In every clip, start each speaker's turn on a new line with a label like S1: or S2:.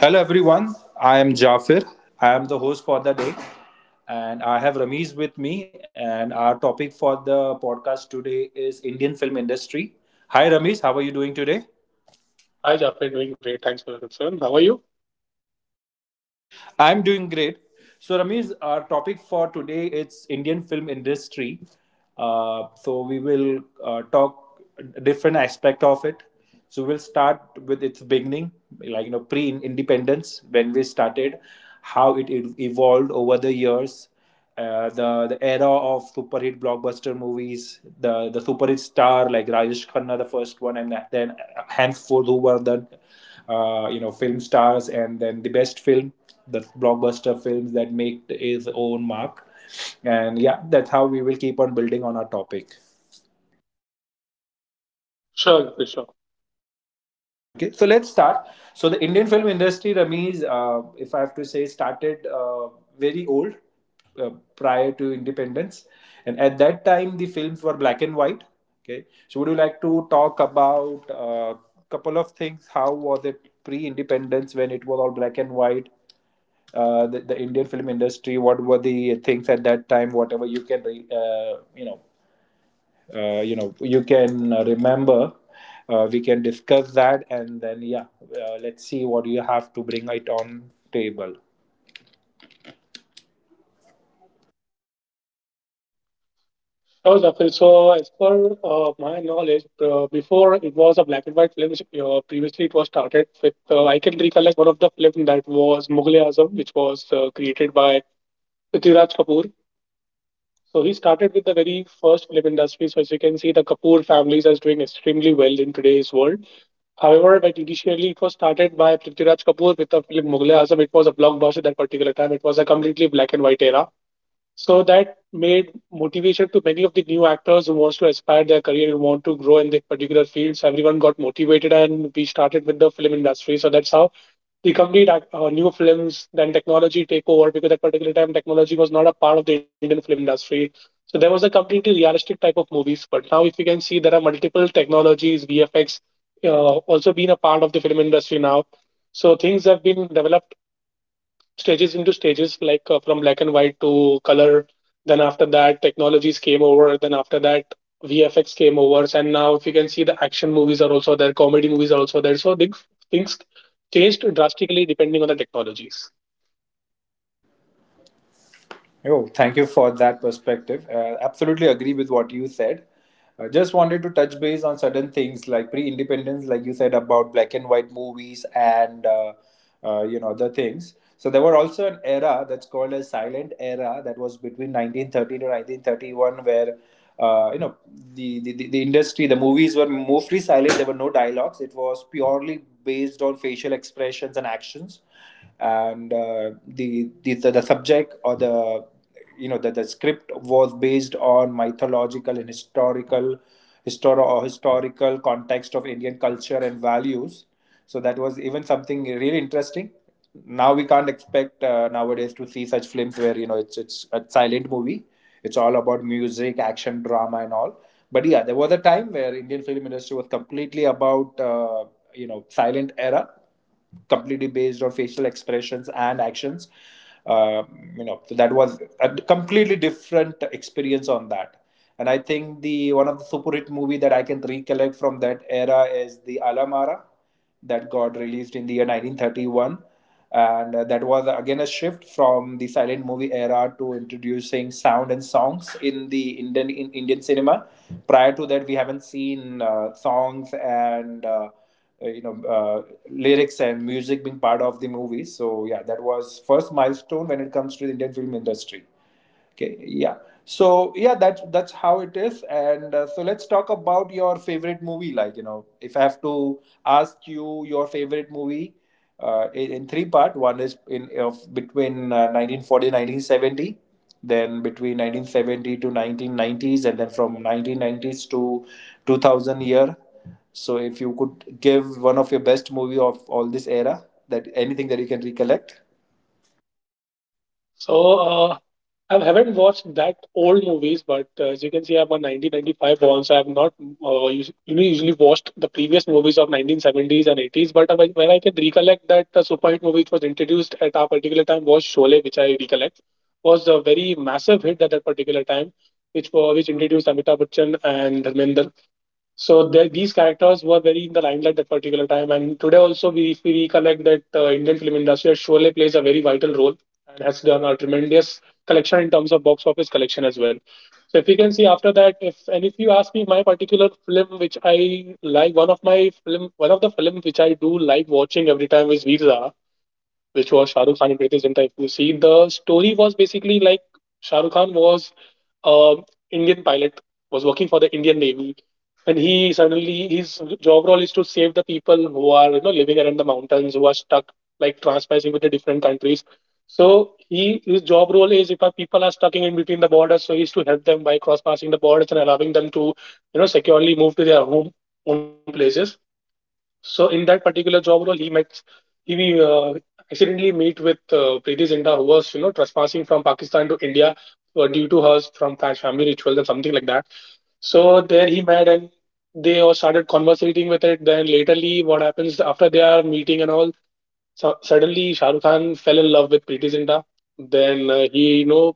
S1: Hello, everyone. I am Jafir. I am the host for the day. And I have Ramiz with me. And our topic for the podcast today is Indian film industry. Hi, Ramiz. How are you doing today?
S2: Hi, Jafar. Doing great. Thanks for your concern. How are you?
S1: I'm doing great. So, Ramesh, our topic for today is Indian film industry. We will talk different aspect of it. So, we'll start with its beginning, like you know, pre-independence when we started, how it evolved over the years, the era of super hit blockbuster movies, the super hit star like Rajesh Khanna, the first one, and then henceforth who were the you know film stars, and then the best film, the blockbuster films that make his own mark, and yeah, that's how we will keep on building on our topic.
S2: Sure, Jafar, sure.
S1: Okay, so let's start. So the Indian film industry, Ramiz, if I have to say, started very old, uh, prior to independence, and at that time the films were black and white. Okay, so would you like to talk about a couple of things? How was it pre-independence when it was all black and white? The Indian film industry. What were the things at that time? Whatever you can, you know, you know you can remember, we can discuss that and then yeah, let's see what you have to bring it on table.
S2: Oh, Jafar. So, as per my knowledge, before it was a black and white film. Previously, it was started with, I can recollect one of the film that was Mughal Azam, which was created by Prithviraj Kapoor. So, he started with the very first film industry. So, as you can see, the Kapoor families is doing extremely well in today's world. However, but initially it was started by Prithviraj Kapoor with the film Mughal Azam. It was a blockbuster at that particular time. It was a completely black and white era. So that made motivation to many of the new actors who wants to aspire their career, who want to grow in their particular fields. So everyone got motivated, and we started with the film industry. So that's how the new films, then technology take over because at particular time technology was not a part of the Indian film industry. So there was a completely realistic type of movies. But now, if you can see, there are multiple technologies, VFX, uh, also been a part of the film industry now. So things have been developed stages into stages like from black and white to color, then after that technologies came over, then after that vfx came over, and now if you can see, the action movies are also there, comedy movies are also there, so things changed drastically depending on the technologies.
S1: Oh, thank you for that perspective. Absolutely agree with what you said. I just wanted to touch base on certain things like pre-independence, like you said about black and white movies and you know other things. So there were also an era that's called a silent era that was between 1930 to 1931, where you know the industry, the movies were mostly silent. There were no dialogues. It was purely based on facial expressions and actions and the subject or the, you know, the script was based on mythological and historical, or historical context of Indian culture and values. So that was even something really interesting. Now we can't expect nowadays to see such films where, you know, it's a silent movie. It's all about music, action, drama and all. But yeah, there was a time where Indian film industry was completely about, you know, silent era, completely based on facial expressions and actions. Um, you know, so that was a completely different experience on that. And I think the one of the super hit movie that I can recollect from that era is the Alamara that got released in the year 1931. And that was, again, a shift from the silent movie era to introducing sound and songs in the Indian cinema. Prior to that, we haven't seen songs and you know, lyrics and music being part of the movie. So yeah, that was first milestone when it comes to the Indian film industry. Okay, yeah. So yeah, that's how it is. And so let's talk about your favorite movie. Like you know, if I have to ask you your favorite movie in three part, one is in of between 1940, then between 1970 to 1990s, and then from 1990s to 2000 year. So if you could give one of your best movie of all this era, that anything that you can recollect.
S2: So I haven't watched that old movies, but as you can see, I'm a 1995 born, so I've not you know, usually watched the previous movies of 1970s and 80s. But when I can recollect that the super hit movie which was introduced at our particular time was Sholay, which I recollect was a very massive hit at that particular time, which introduced Amitabh Bachchan and Dharmendra, so these characters were very in the limelight at particular time, and today also we, if we recollect that Indian film industry, Sholay plays a very vital role and has done a tremendous collection in terms of box office collection as well. So if you can see after that, if and if you ask me my particular film which I like, one of the film which I do like watching every time is Veer Zara, which was Shah Rukh Khan and Greatest Zinta. If you see, the story was basically like Shah Rukh Khan was a Indian pilot, was working for the Indian Navy, and he suddenly his job role is to save the people who are you know living around the mountains, who are stuck like transpassing with the different countries. So he his job role is if our people are stuck in between the borders, so he's to help them by cross passing the borders and allowing them to you know securely move to their home places, so in that particular job role, he accidentally meet with Preeti Zinta, who was you know trespassing from Pakistan to India due to her from family rituals and something like that. So there he met and they all started conversating with it. Then laterly, what happens after they are meeting and all? So suddenly, Shah Rukh Khan fell in love with Preeti Zinta. Then he you know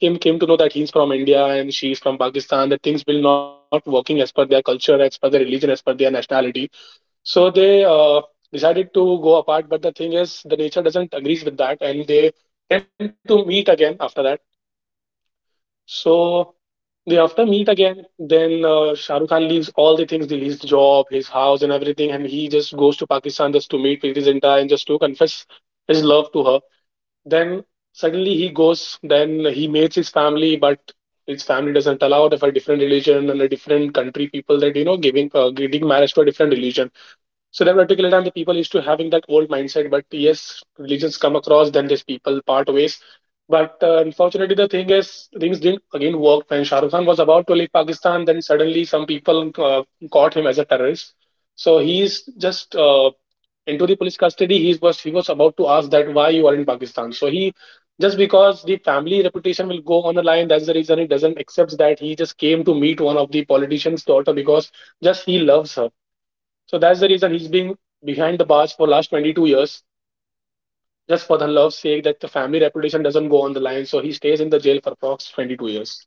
S2: came to know that he's from India and she's from Pakistan. That things will not working as per their culture, as per their religion, as per their nationality, so they decided to go apart, but the thing is, the nature doesn't agrees with that, and they tend to meet again after that. So they after meet again, then Shah Rukh Khan leaves all the things, his job, his house, and everything, and he just goes to Pakistan just to meet Preeti Zinta and just to confess his love to her. Then suddenly he goes, then he meets his family, but his family doesn't allow it of a different religion and a different country people that you know giving marriage to a different religion, so democratically time the people used to having that old mindset, but yes, religions come across, then these people part ways. But unfortunately, the thing is, things didn't again work. When Shah Rukh Khan was about to leave Pakistan, then suddenly some people caught him as a terrorist. So he's just into the police custody. He was about to ask that why you are in Pakistan. So he just because the family reputation will go on the line. That's the reason he doesn't accept that he just came to meet one of the politician's daughter because just he loves her, so that's the reason he's been behind the bars for last 22 years, just for the love's sake that the family reputation doesn't go on the line. So he stays in the jail for approx 22 years.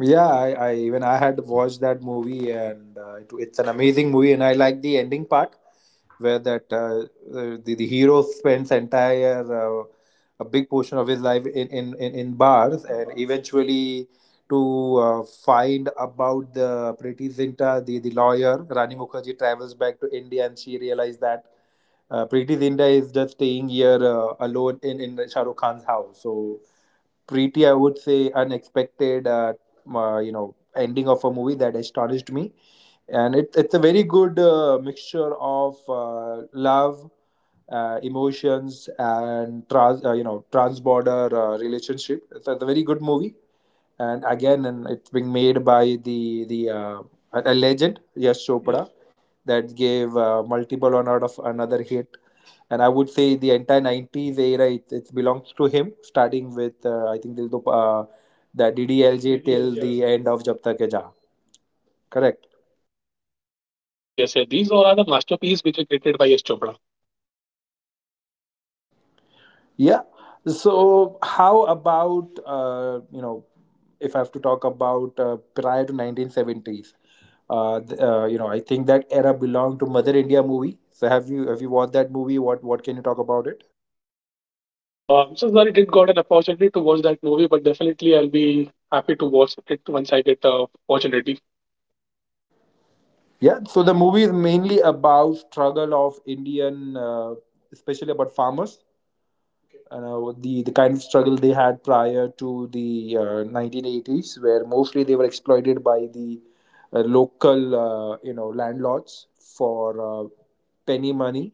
S1: Yeah, I even I had watched that movie, and it, it's an amazing movie, and I like the ending part where that the the hero spends entire a big portion of his life in bars, and eventually to find about the Pretty Zinta, the lawyer Rani Mukherjee travels back to India, and she realized that Preeti Zinta is just staying here alone in Shah Rukh Khan's house. So pretty, I would say, unexpected, you know, ending of a movie that astonished me, and it's a very good mixture of love, emotions, and you know, trans-border relationship. It's a very good movie. And again, and it's being made by the a legend Yash Chopra that gave multiple on out of another hit. And I would say the entire 90s era, it belongs to him, starting with I think Dil Do, the DDLJ, till the end of Jab Tak Hai Jaa, correct?
S2: Yes, yes, yes. These all are the masterpiece which are created by Yash Chopra.
S1: Yeah. So how about, you know, if I have to talk about prior to 1970s, you know, I think that era belonged to Mother India movie. So have you, have you watched that movie? What can you talk about it?
S2: I'm so sorry I didn't got an opportunity to watch that movie, but definitely I'll be happy to watch it once I get the opportunity.
S1: Yeah. So the movie is mainly about struggle of Indian, especially about farmers, you know, the kind of struggle they had prior to the 1980s, where mostly they were exploited by the local you know landlords for uh, penny money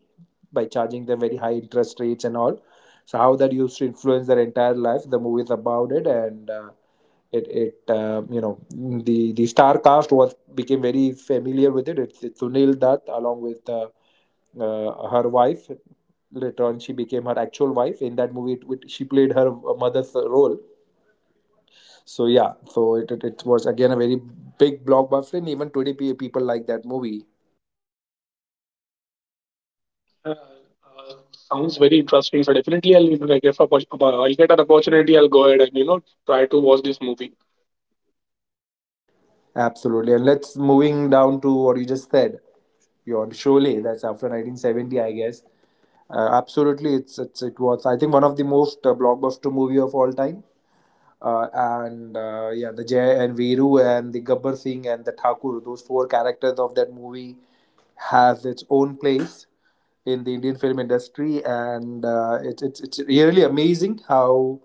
S1: by charging them very high interest rates and all. So how that used to influence their entire life. The movie is about it, and it it you know the star cast was became very familiar with it. It's Sunil Dutt along with. Her wife, later on she became her actual wife in that movie, she played her mother's role. So yeah, so it was again a very big blockbuster, and even today people like that movie.
S2: Uh, uh, Sounds very interesting. So definitely I'll, if I get, I'll get an opportunity, I'll go ahead and, you know, try to watch this movie.
S1: Absolutely, and let's moving down to what you just said, your Sholay, that's after 1970, I guess. Absolutely, it's, it was, I think, one of the most blockbuster movie of all time. And yeah, the Jay and Veeru and the Gabbar Singh and the Thakur, those four characters of that movie has its own place in the Indian film industry. And it's really amazing how,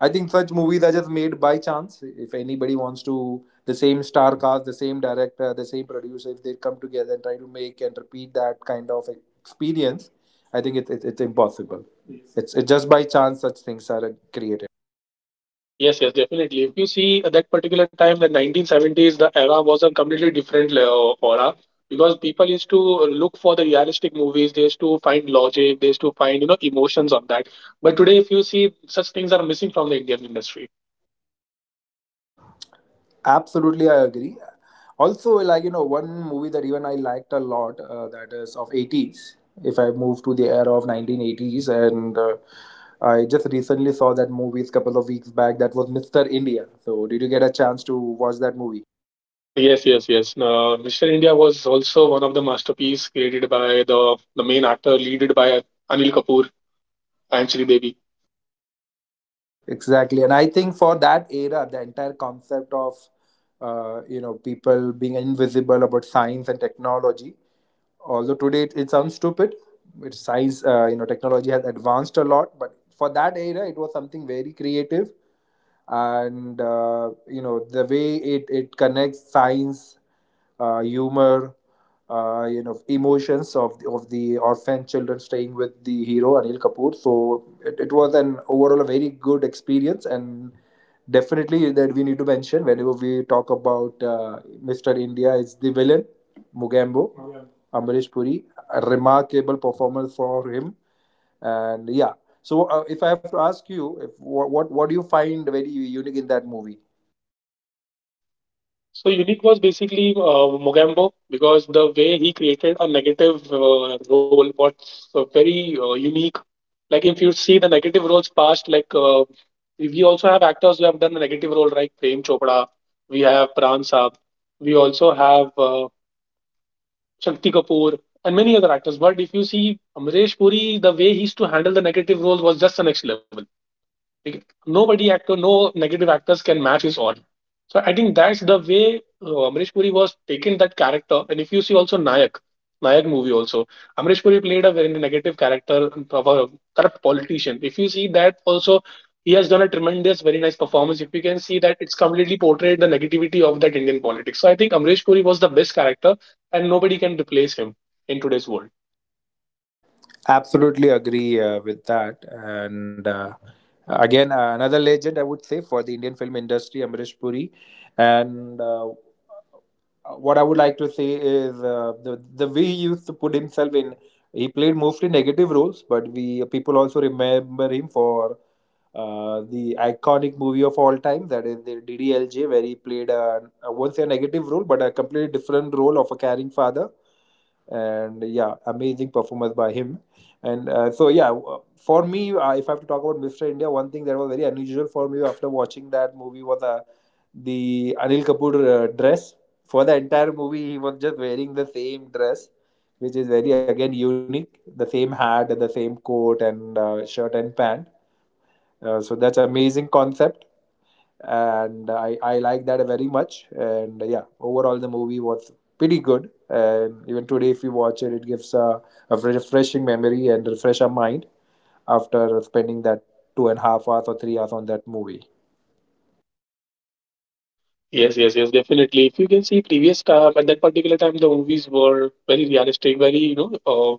S1: I think, such movies are just made by chance. If anybody wants to, the same star cast, the same director, the same producer, if they come together and try to make and repeat that kind of experience, I think it's impossible. Yes. It's just by chance such things are created.
S2: Yes, yes, definitely. If you see at that particular time, the 1970s, the era was a completely different era, because people used to look for the realistic movies. They used to find logic. They used to find you know emotions on that. But today, if you see, such things are missing from the Indian industry.
S1: Absolutely, I agree. Also, like you know, one movie that even I liked a lot, that is of 80s. If I move to the era of 1980s, and I just recently saw that movie a couple of weeks back. That was Mr. India. So, did you get a chance to watch that movie?
S2: Yes, yes, yes. Mr. India was also one of the masterpiece created by the main actor, leaded by Anil Kapoor and Sridevi.
S1: Exactly, and I think for that era, the entire concept of you know people being invisible about science and technology. Although today, it sounds stupid, which science, you know, technology has advanced a lot, but for that era, it was something very creative. And you know the way it connects science, humor, you know, emotions of of the orphan children staying with the hero Anil Kapoor. So it was an overall a very good experience. And definitely that we need to mention whenever we talk about Mr. India is the villain Mugambo, Amrish Puri, a remarkable performance for him. And yeah, so if I have to ask you, if what, what do you find very unique in that movie?
S2: So Unique was basically Mogambo because the way he created a negative role was very unique. Like if you see the negative roles past, like we also have actors who have done a negative role like Prem Chopra, we have Pran Saab, we also have Shakti Kapoor and many other actors. But if you see Amresh Puri, the way he used to handle the negative role was just the next level. Like, nobody actor, no negative actors can match his own. So I think that's the way Amrish Puri was taking that character. And if you see also Nayak, Nayak movie also, Amrish Puri played a very negative character of a corrupt politician. If you see that also, he has done a tremendous, very nice performance. If you can see that, it's completely portrayed the negativity of that Indian politics. So I think Amrish Puri was the best character, and nobody can replace him in today's world.
S1: Absolutely agree with that. And again another legend, I would say, for the Indian film industry, Amrish Puri. And what I would like to say is the way he used to put himself in. He played mostly negative roles, but we people also remember him for the iconic movie of all time, that is the DDLJ, where he played a, I won't say a negative role, but a completely different role of a caring father. And yeah, amazing performance by him. And so yeah, for me, if I have to talk about Mr. India, one thing that was very unusual for me after watching that movie was the Anil Kapoor dress. For the entire movie, he was just wearing the same dress, which is very again unique, the same hat, the same coat and, shirt and pant. So that's amazing concept, and I like that very much. And yeah, overall the movie was pretty good, and even today if you watch it, it gives a refreshing memory and refresh our mind after spending that 2.5 hours or 3 hours on that movie.
S2: Yes, yes, yes, definitely. If you can see previous time at that particular time, the movies were very realistic, very you know,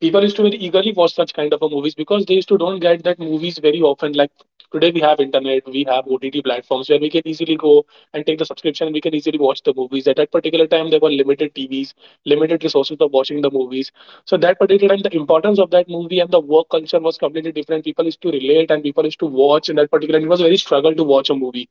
S2: people used to very eagerly watch such kind of a movies because they used to don't get that movies very often. Like today, we have internet, we have OTT platforms where we can easily go and take the subscription. And we can easily watch the movies. At that particular time, there were limited TVs, limited resources of watching the movies. So that particular time, the importance of that movie and the work culture was completely different. People used to relate and people used to watch in that particular. It was very struggle to watch a movie,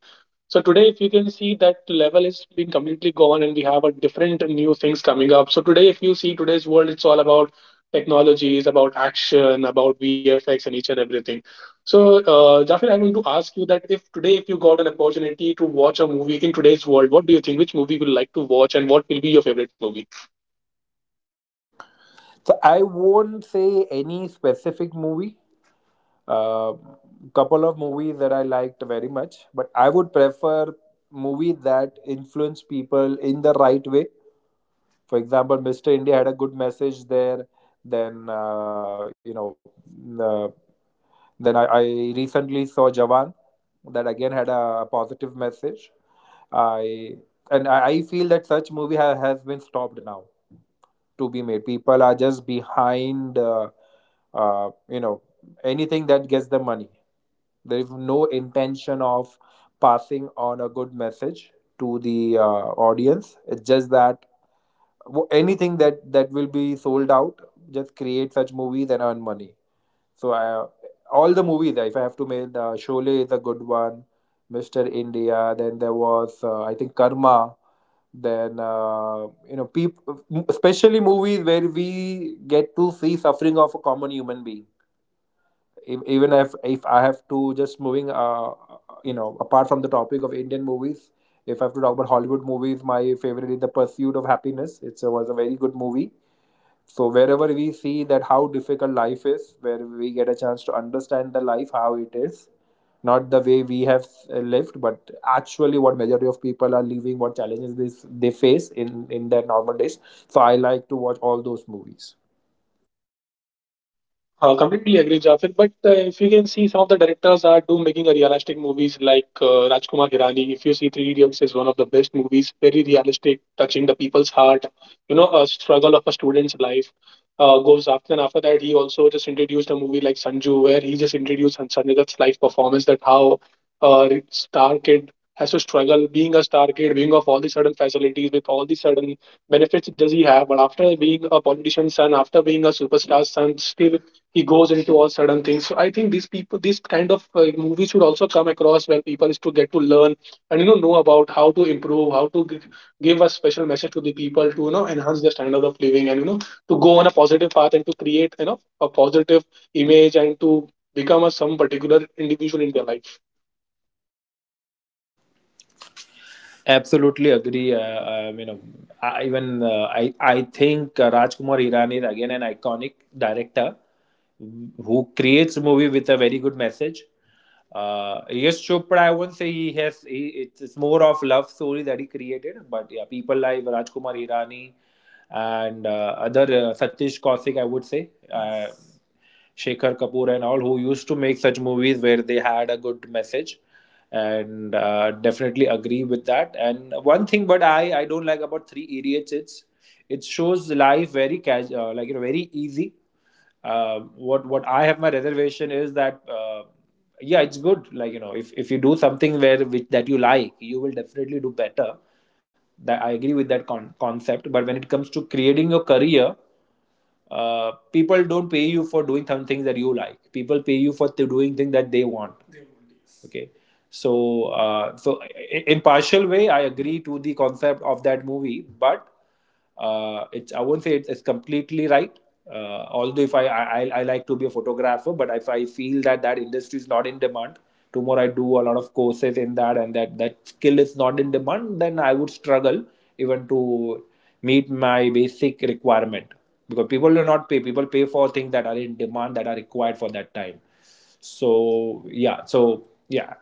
S2: so today, if you can see that level is been completely gone, and we have a different new things coming up. So today, if you see today's world, it's all about technologies, about action, about VFX, and each and everything. So, Jafir, I want to ask you that if today, if you got an opportunity to watch a movie in today's world, what do you think? Which movie will you like to watch, and what will be your favorite movie?
S1: So I won't say any specific movie. Uh, Couple of movies that I liked very much, but I would prefer movie that influence people in the right way. For example, Mr. India had a good message there. Then you know, mm, then I recently saw Jawan, that again had a positive message. I and I I feel that such movie has been stopped now to be made. People are just behind, uh, you know, anything that gets them money. There is no intention of passing on a good message to the audience. It's just that anything that will be sold out, just create such movies and earn money. So I, all the movies if I have to make, the Sholay is a good one. Mr. India, then there was I think Karma. Then people, especially movies where we get to see suffering of a common human being. Even if I have to just moving apart from the topic of Indian movies, if I have to talk about Hollywood movies, my favorite is The Pursuit of Happiness. It was a very good movie. So wherever we see that, how difficult life is, where we get a chance to understand the life how it is, not the way we have lived, but actually what majority of people are living, what challenges this they face in their normal days. So I like to watch all those movies.
S2: Completely agree, Jafar. But if you can see, some of the directors are do making a realistic movies like Rajkumar Hirani. If you see, Three Idiots is one of the best movies, very realistic, touching the people's heart. You know, a struggle of a student's life goes after. And after that, he also just introduced a movie like Sanju, where he just introduced Sanjay Dutt's life performance, that how star kid has to struggle being a star kid, being of all the sudden facilities with all the sudden benefits does he have, but after being a politician's son, after being a superstar's son, still he goes into all sudden things. So I think these kind of movies should also come across where people is to get to learn and know about how to improve, how to give a special message to the people to enhance their standard of living, and to go on a positive path, and to create a positive image, and to become a some particular individual in their life.
S1: Absolutely agree. I, even I think Rajkumar Hirani is again an iconic director who creates a movie with a very good message. Yes, Chopra, I won't say he has. He, it's more of love story that he created, but yeah, people like Rajkumar Hirani and other Satish Kaushik, I would say. Shekhar Kapoor and all who used to make such movies where they had a good message, and definitely agree with that. And one thing but I don't like about Three Idiots, it's it shows life very casual, like you know, very easy. Uh, what what I have my reservation is that, yeah, it's good, like you know, if you do something where which that you like, you will definitely do better. That I agree with that concept. But when it comes to creating your career, people don't pay you for doing some things that you like. People pay you for doing things that they want. Yes. Okay. So in partial way I agree to the concept of that movie, but it's, I won't say it's completely right. Although if I like to be a photographer, but if I feel that that industry is not in demand tomorrow, I do a lot of courses in that and that that skill is not in demand, then I would struggle even to meet my basic requirement. Because people do not pay, people pay for things that are in demand, that are required for that time. so yeah, so yeah,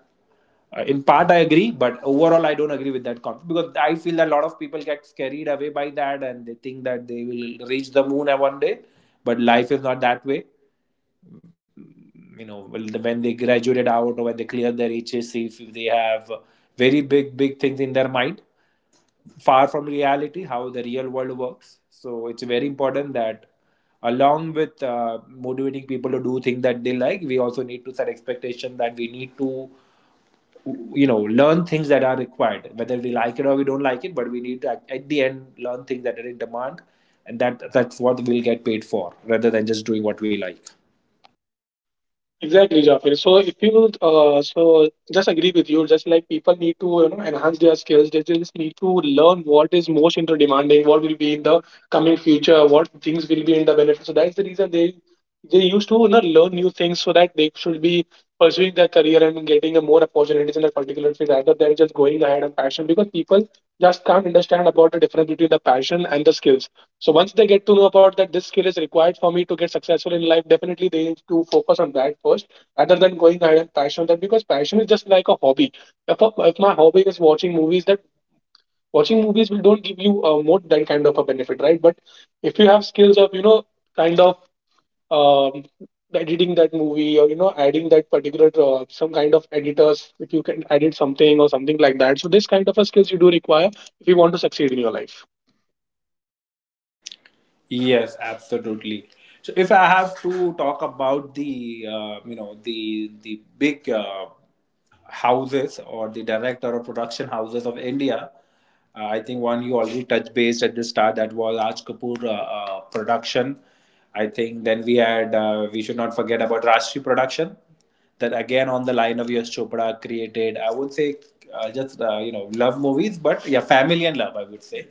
S1: uh, in part I agree, but overall I don't agree with that concept because I feel that a lot of people get carried away by that, and they think that they will reach the moon at one day, but life is not that way. You know, well, when they graduated out or when they clear their HSC, if they have very big big things in their mind, far from reality how the real world works. So it's very important that along with motivating people to do things that they like, we also need to set expectation that we need to, you know, learn things that are required, whether we like it or we don't like it, but we need to at the end learn things that are in demand. And that's what we'll get paid for rather than just doing what we like.
S2: Exactly, Jafir. So if you so just agree with you, just like people need to enhance their skills. They just need to learn what is most into demanding, what will be in the coming future, what things will be in the benefit. So that's the reason they used to learn new things so that they should be pursuing their career and getting a more opportunities in that particular field, rather than just going ahead on passion, because people just can't understand about the difference between the passion and the skills. So once they get to know about that this skill is required for me to get successful in life, definitely they need to focus on that first rather than going ahead and passion on that, because passion is just like a hobby. If my hobby is watching movies, that watching movies will don't give you more that kind of a benefit, right? But if you have skills of kind of um, editing that movie, or adding that particular some kind of editors, if you can edit something or something like that, so this kind of a skills you do require if you want to succeed in your life.
S1: Yes, absolutely. So if I have to talk about the you know the big houses or the director or production houses of India, I think one you already touched base at the start, that was Raj Kapoor production. I think then we had we should not forget about Rashmi production that again on the line of Yash Chopra created. I would say just love movies, but yeah, family and love. I would say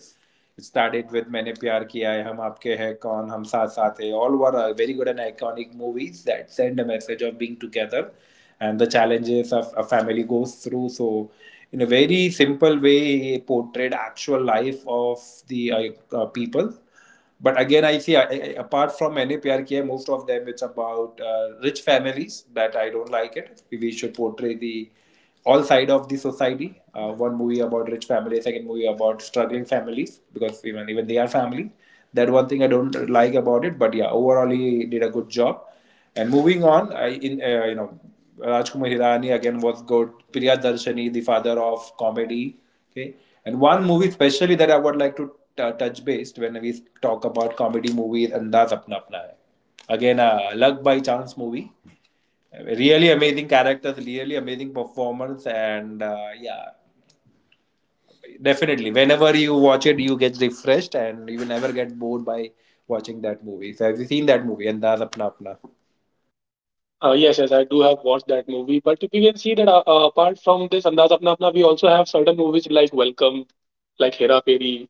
S1: it started with "Maine Pyar Kiya Hai," "Hum Aapke Hai Kaun," "Hum Saath Saath Hai." All were very good and iconic movies that send a message of being together and the challenges of a family goes through. So, in a very simple way, he portrayed actual life of the people. But again, I see apart from मैंने प्यार किया, most of them it's about rich families that I don't like it. We should portray the all side of the society. One movie about rich families, second movie about struggling families, because even even they are family. That one thing I don't like about it. But yeah, overall he did a good job. And moving on, I in you know Rajkumar Hirani again was good. Priya Darshani, the father of comedy. Okay, and one movie especially that I would like to touch based when we talk about comedy movies, Andaz Apna Apna Hai. Again, a luck by chance movie. Really amazing characters, really amazing performance, and yeah, definitely. Whenever you watch it, you get refreshed, and you will never get bored by watching that movie. So, have you seen that movie? Andaz Apna Apna.
S2: Yes, yes, I do have watched that movie. But we can see that apart from this Andaz Apna Apna, we also have certain movies like Welcome, like Hera Fairy,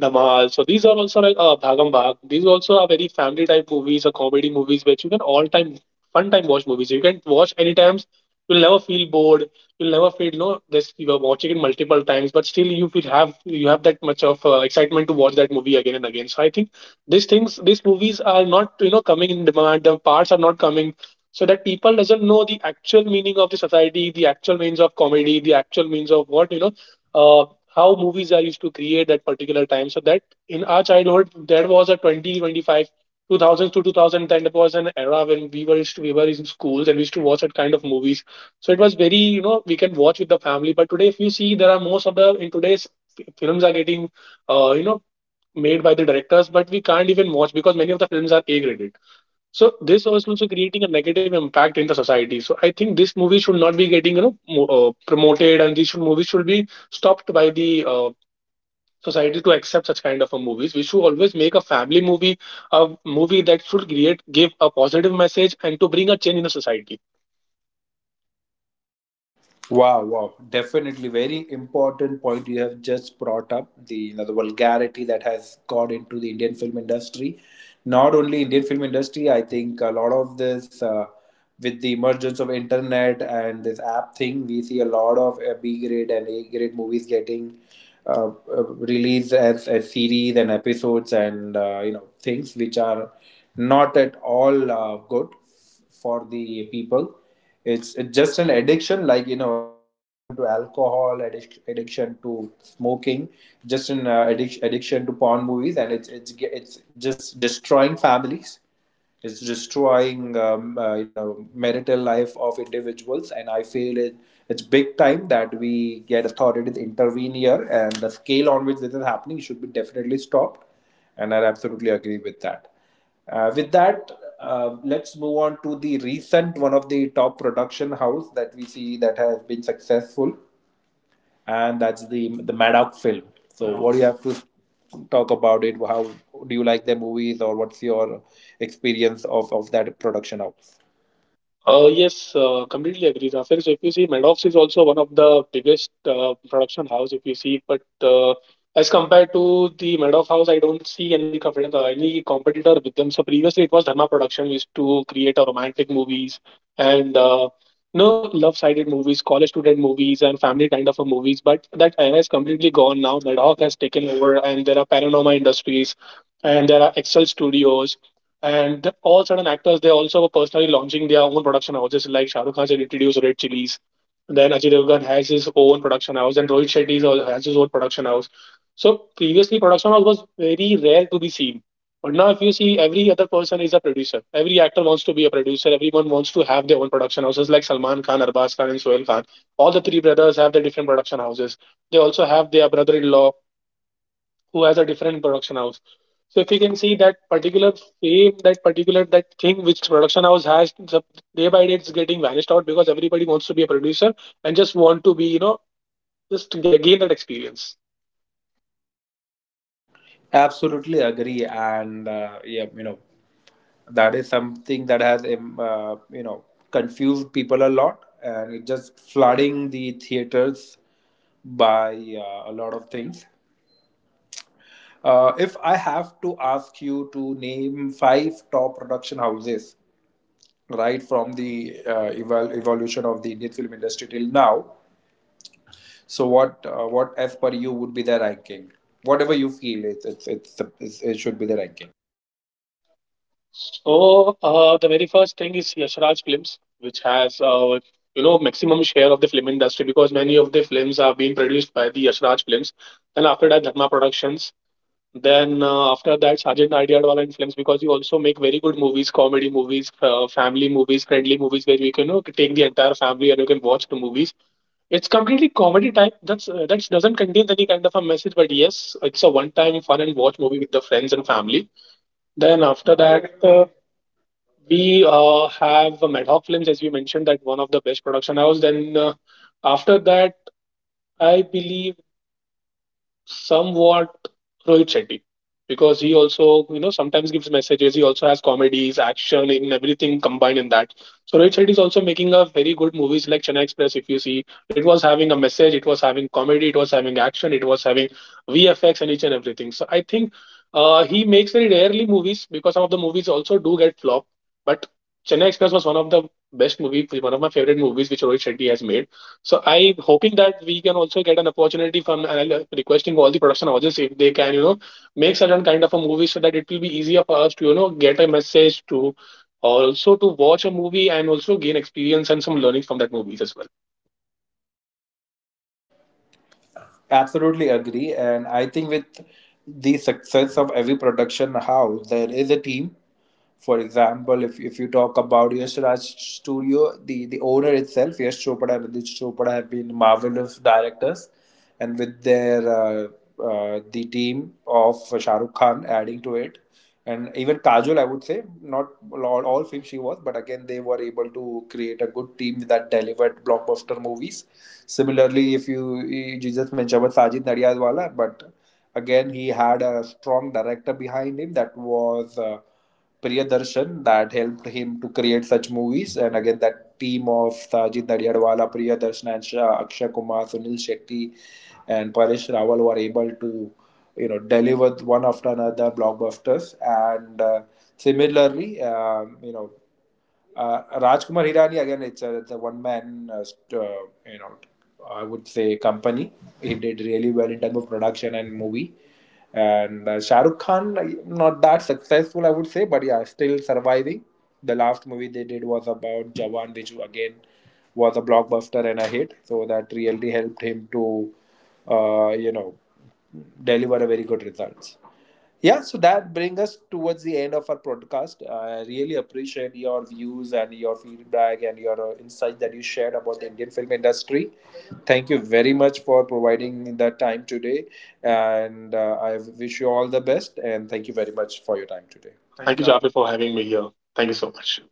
S2: Dhamal. So these are also like Bhagam Bhag. These also are very family type movies or comedy movies which you can all time, fun time watch movies. You can watch any times. You'll never feel bored. You'll never feel no. This you are watching it multiple times, but still you have that much of excitement to watch that movie again and again. So I think these things, these movies are not coming in demand. The parts are not coming, so that people doesn't know the actual meaning of the society, the actual means of comedy, the actual means of what uh, how movies are used to create that particular time. So that in our childhood, there was a 2025, two thousands to 2010. That was an era when we were used to, we were in schools and we used to watch that kind of movies. So it was very we can watch with the family. But today, if you see, there are most of the in today's films are getting uh, you know made by the directors, but we can't even watch because many of the films are A graded, so this was also creating a negative impact in the society. So I think this movie should not be getting promoted, and these should, movies should be stopped by the society to accept such kind of a movies. We should always make a family movie, a movie that should create give a positive message and to bring a change in the society.
S1: Wow, wow. Definitely very important point you have just brought up. The you know, the vulgarity that has got into the Indian film industry. Not only Indian film industry, I think a lot of this, with the emergence of internet and this app thing, we see a lot of B grade and A grade movies getting uh, released as series and episodes, and you know, things which are not at all good for the people. It's just an addiction, like you know, addiction to alcohol, addiction to smoking, just an addiction to porn movies. And it's just destroying families, it's destroying you know, marital life of individuals. And I feel it, it's big time that we get authorities intervene here, and the scale on which this is happening should be definitely stopped. And I absolutely agree with that. uh, with that, let's move on to the recent one of the top production house that we see that has been successful, and that's the Madoc film. So, what do you have to talk about it? How do you like the movies, or what's your experience of that production house?
S2: Yes, completely agree, Zafir. So if you see, Madoff is also one of the biggest production house. If you see, but as compared to the Madoff house, I don't see any competitor with them. So previously, it was Dharma Production, used to create a romantic movies and no love-sided movies, college student movies, and family kind of a movies. But that era is completely gone now. Madoff has taken over, and there are Panorama Industries, and there are Excel Studios, and all certain actors, they also were personally launching their own production houses. Like Shah Rukh Khan had introduced Red Chilies. Then Ajay Devgan has his own production house, and Rohit Shetty is also has his own production house. So previously, production house was very rare to be seen. But now, if you see, every other person is a producer. Every actor wants to be a producer. Everyone wants to have their own production houses, like Salman Khan, Arbaz Khan, and Sohail Khan. All the three brothers have their different production houses. They also have their brother-in-law who has a different production house. So if you can see that particular fame, that particular that thing which production house has, day by day it's getting vanished out because everybody wants to be a producer, and just want to be, you know, just to gain that experience.
S1: Absolutely agree, and yeah, you know, that is something that has you know, confused people a lot, and it just flooding the theaters by a lot of things. If I have to ask you to name five top production houses, right from the evolution of the Indian film industry till now, so what as per you would be the ranking? Whatever you feel, it it should be the ranking.
S2: So the very first thing is Yashraj Films, which has maximum share of the film industry because many of the films are being produced by the Yashraj Films. Then after that, Dharma Productions. Then after that, Sajid Nadiadwala influence, because he also make very good movies, comedy movies, family movies, friendly movies where you can take the entire family and you can watch the movies. It's completely comedy type. That's that doesn't contain any kind of a message, but yes, it's a one-time fun and watch movie with the friends and family. Then after that, we have Madhawk Films, as we mentioned, that one of the best production house. Then after that, I believe somewhat Rohit Shetty, because he also sometimes gives messages. He also has comedies, action, in everything combined in that. So Rohit Shetty is also making a very good movies like Chennai Express. If you see, it was having a message, it was having comedy, it was having action, it was having VFX and each and everything. So I think he makes very rarely movies because some of the movies also do get flop. But Chennai Express was one of the best movie, one of my favorite movies which Rohit Shetty has made, so I'm hoping that we can also get an opportunity from, and I'm requesting all the production houses, if they can, make certain kind of a movie so that it will be easier for us to, get a message to or also to watch a movie and also gain experience and some learning from that movies as well.
S1: Absolutely agree, and I think with the success of every production house, there is a team. For example, if you talk about Yash Raj Studio, the owner itself, Yash Chopra and Aditya Chopra have been marvelous directors, and with their the team of Shah Rukh Khan adding to it, and even Kajol, I would say not all, all films she was, but again they were able to create a good team that delivered blockbuster movies. Similarly, if you just mentioned about Sajid Nadiadwala, but again he had a strong director behind him that was. Priyadarshan, that helped him to create such movies. And again, that team of Sajid Nadiadwala, Priyadarshan, and Shah, Akshay Kumar, Sunil Shetty, and Paresh Rawal were able to, you know, deliver one after another blockbusters. And similarly, Rajkumar Hirani again, it's a, the one man, you know, I would say, company. He did really well in terms of production and movie. And Shah Rukh Khan, not that successful, I would say, but yeah, still surviving. The last movie they did was about Jawan, which again was a blockbuster and a hit. So that really helped him to, uh, you know, deliver a very good results. Yeah, so that brings us towards the end of our podcast. I really appreciate your views and your feedback and your insight that you shared about the Indian film industry. Thank you very much for providing that time today. And I wish you all the best. And thank you very much for your time today.
S2: Thank you, Jafar, for having me here. Thank you so much.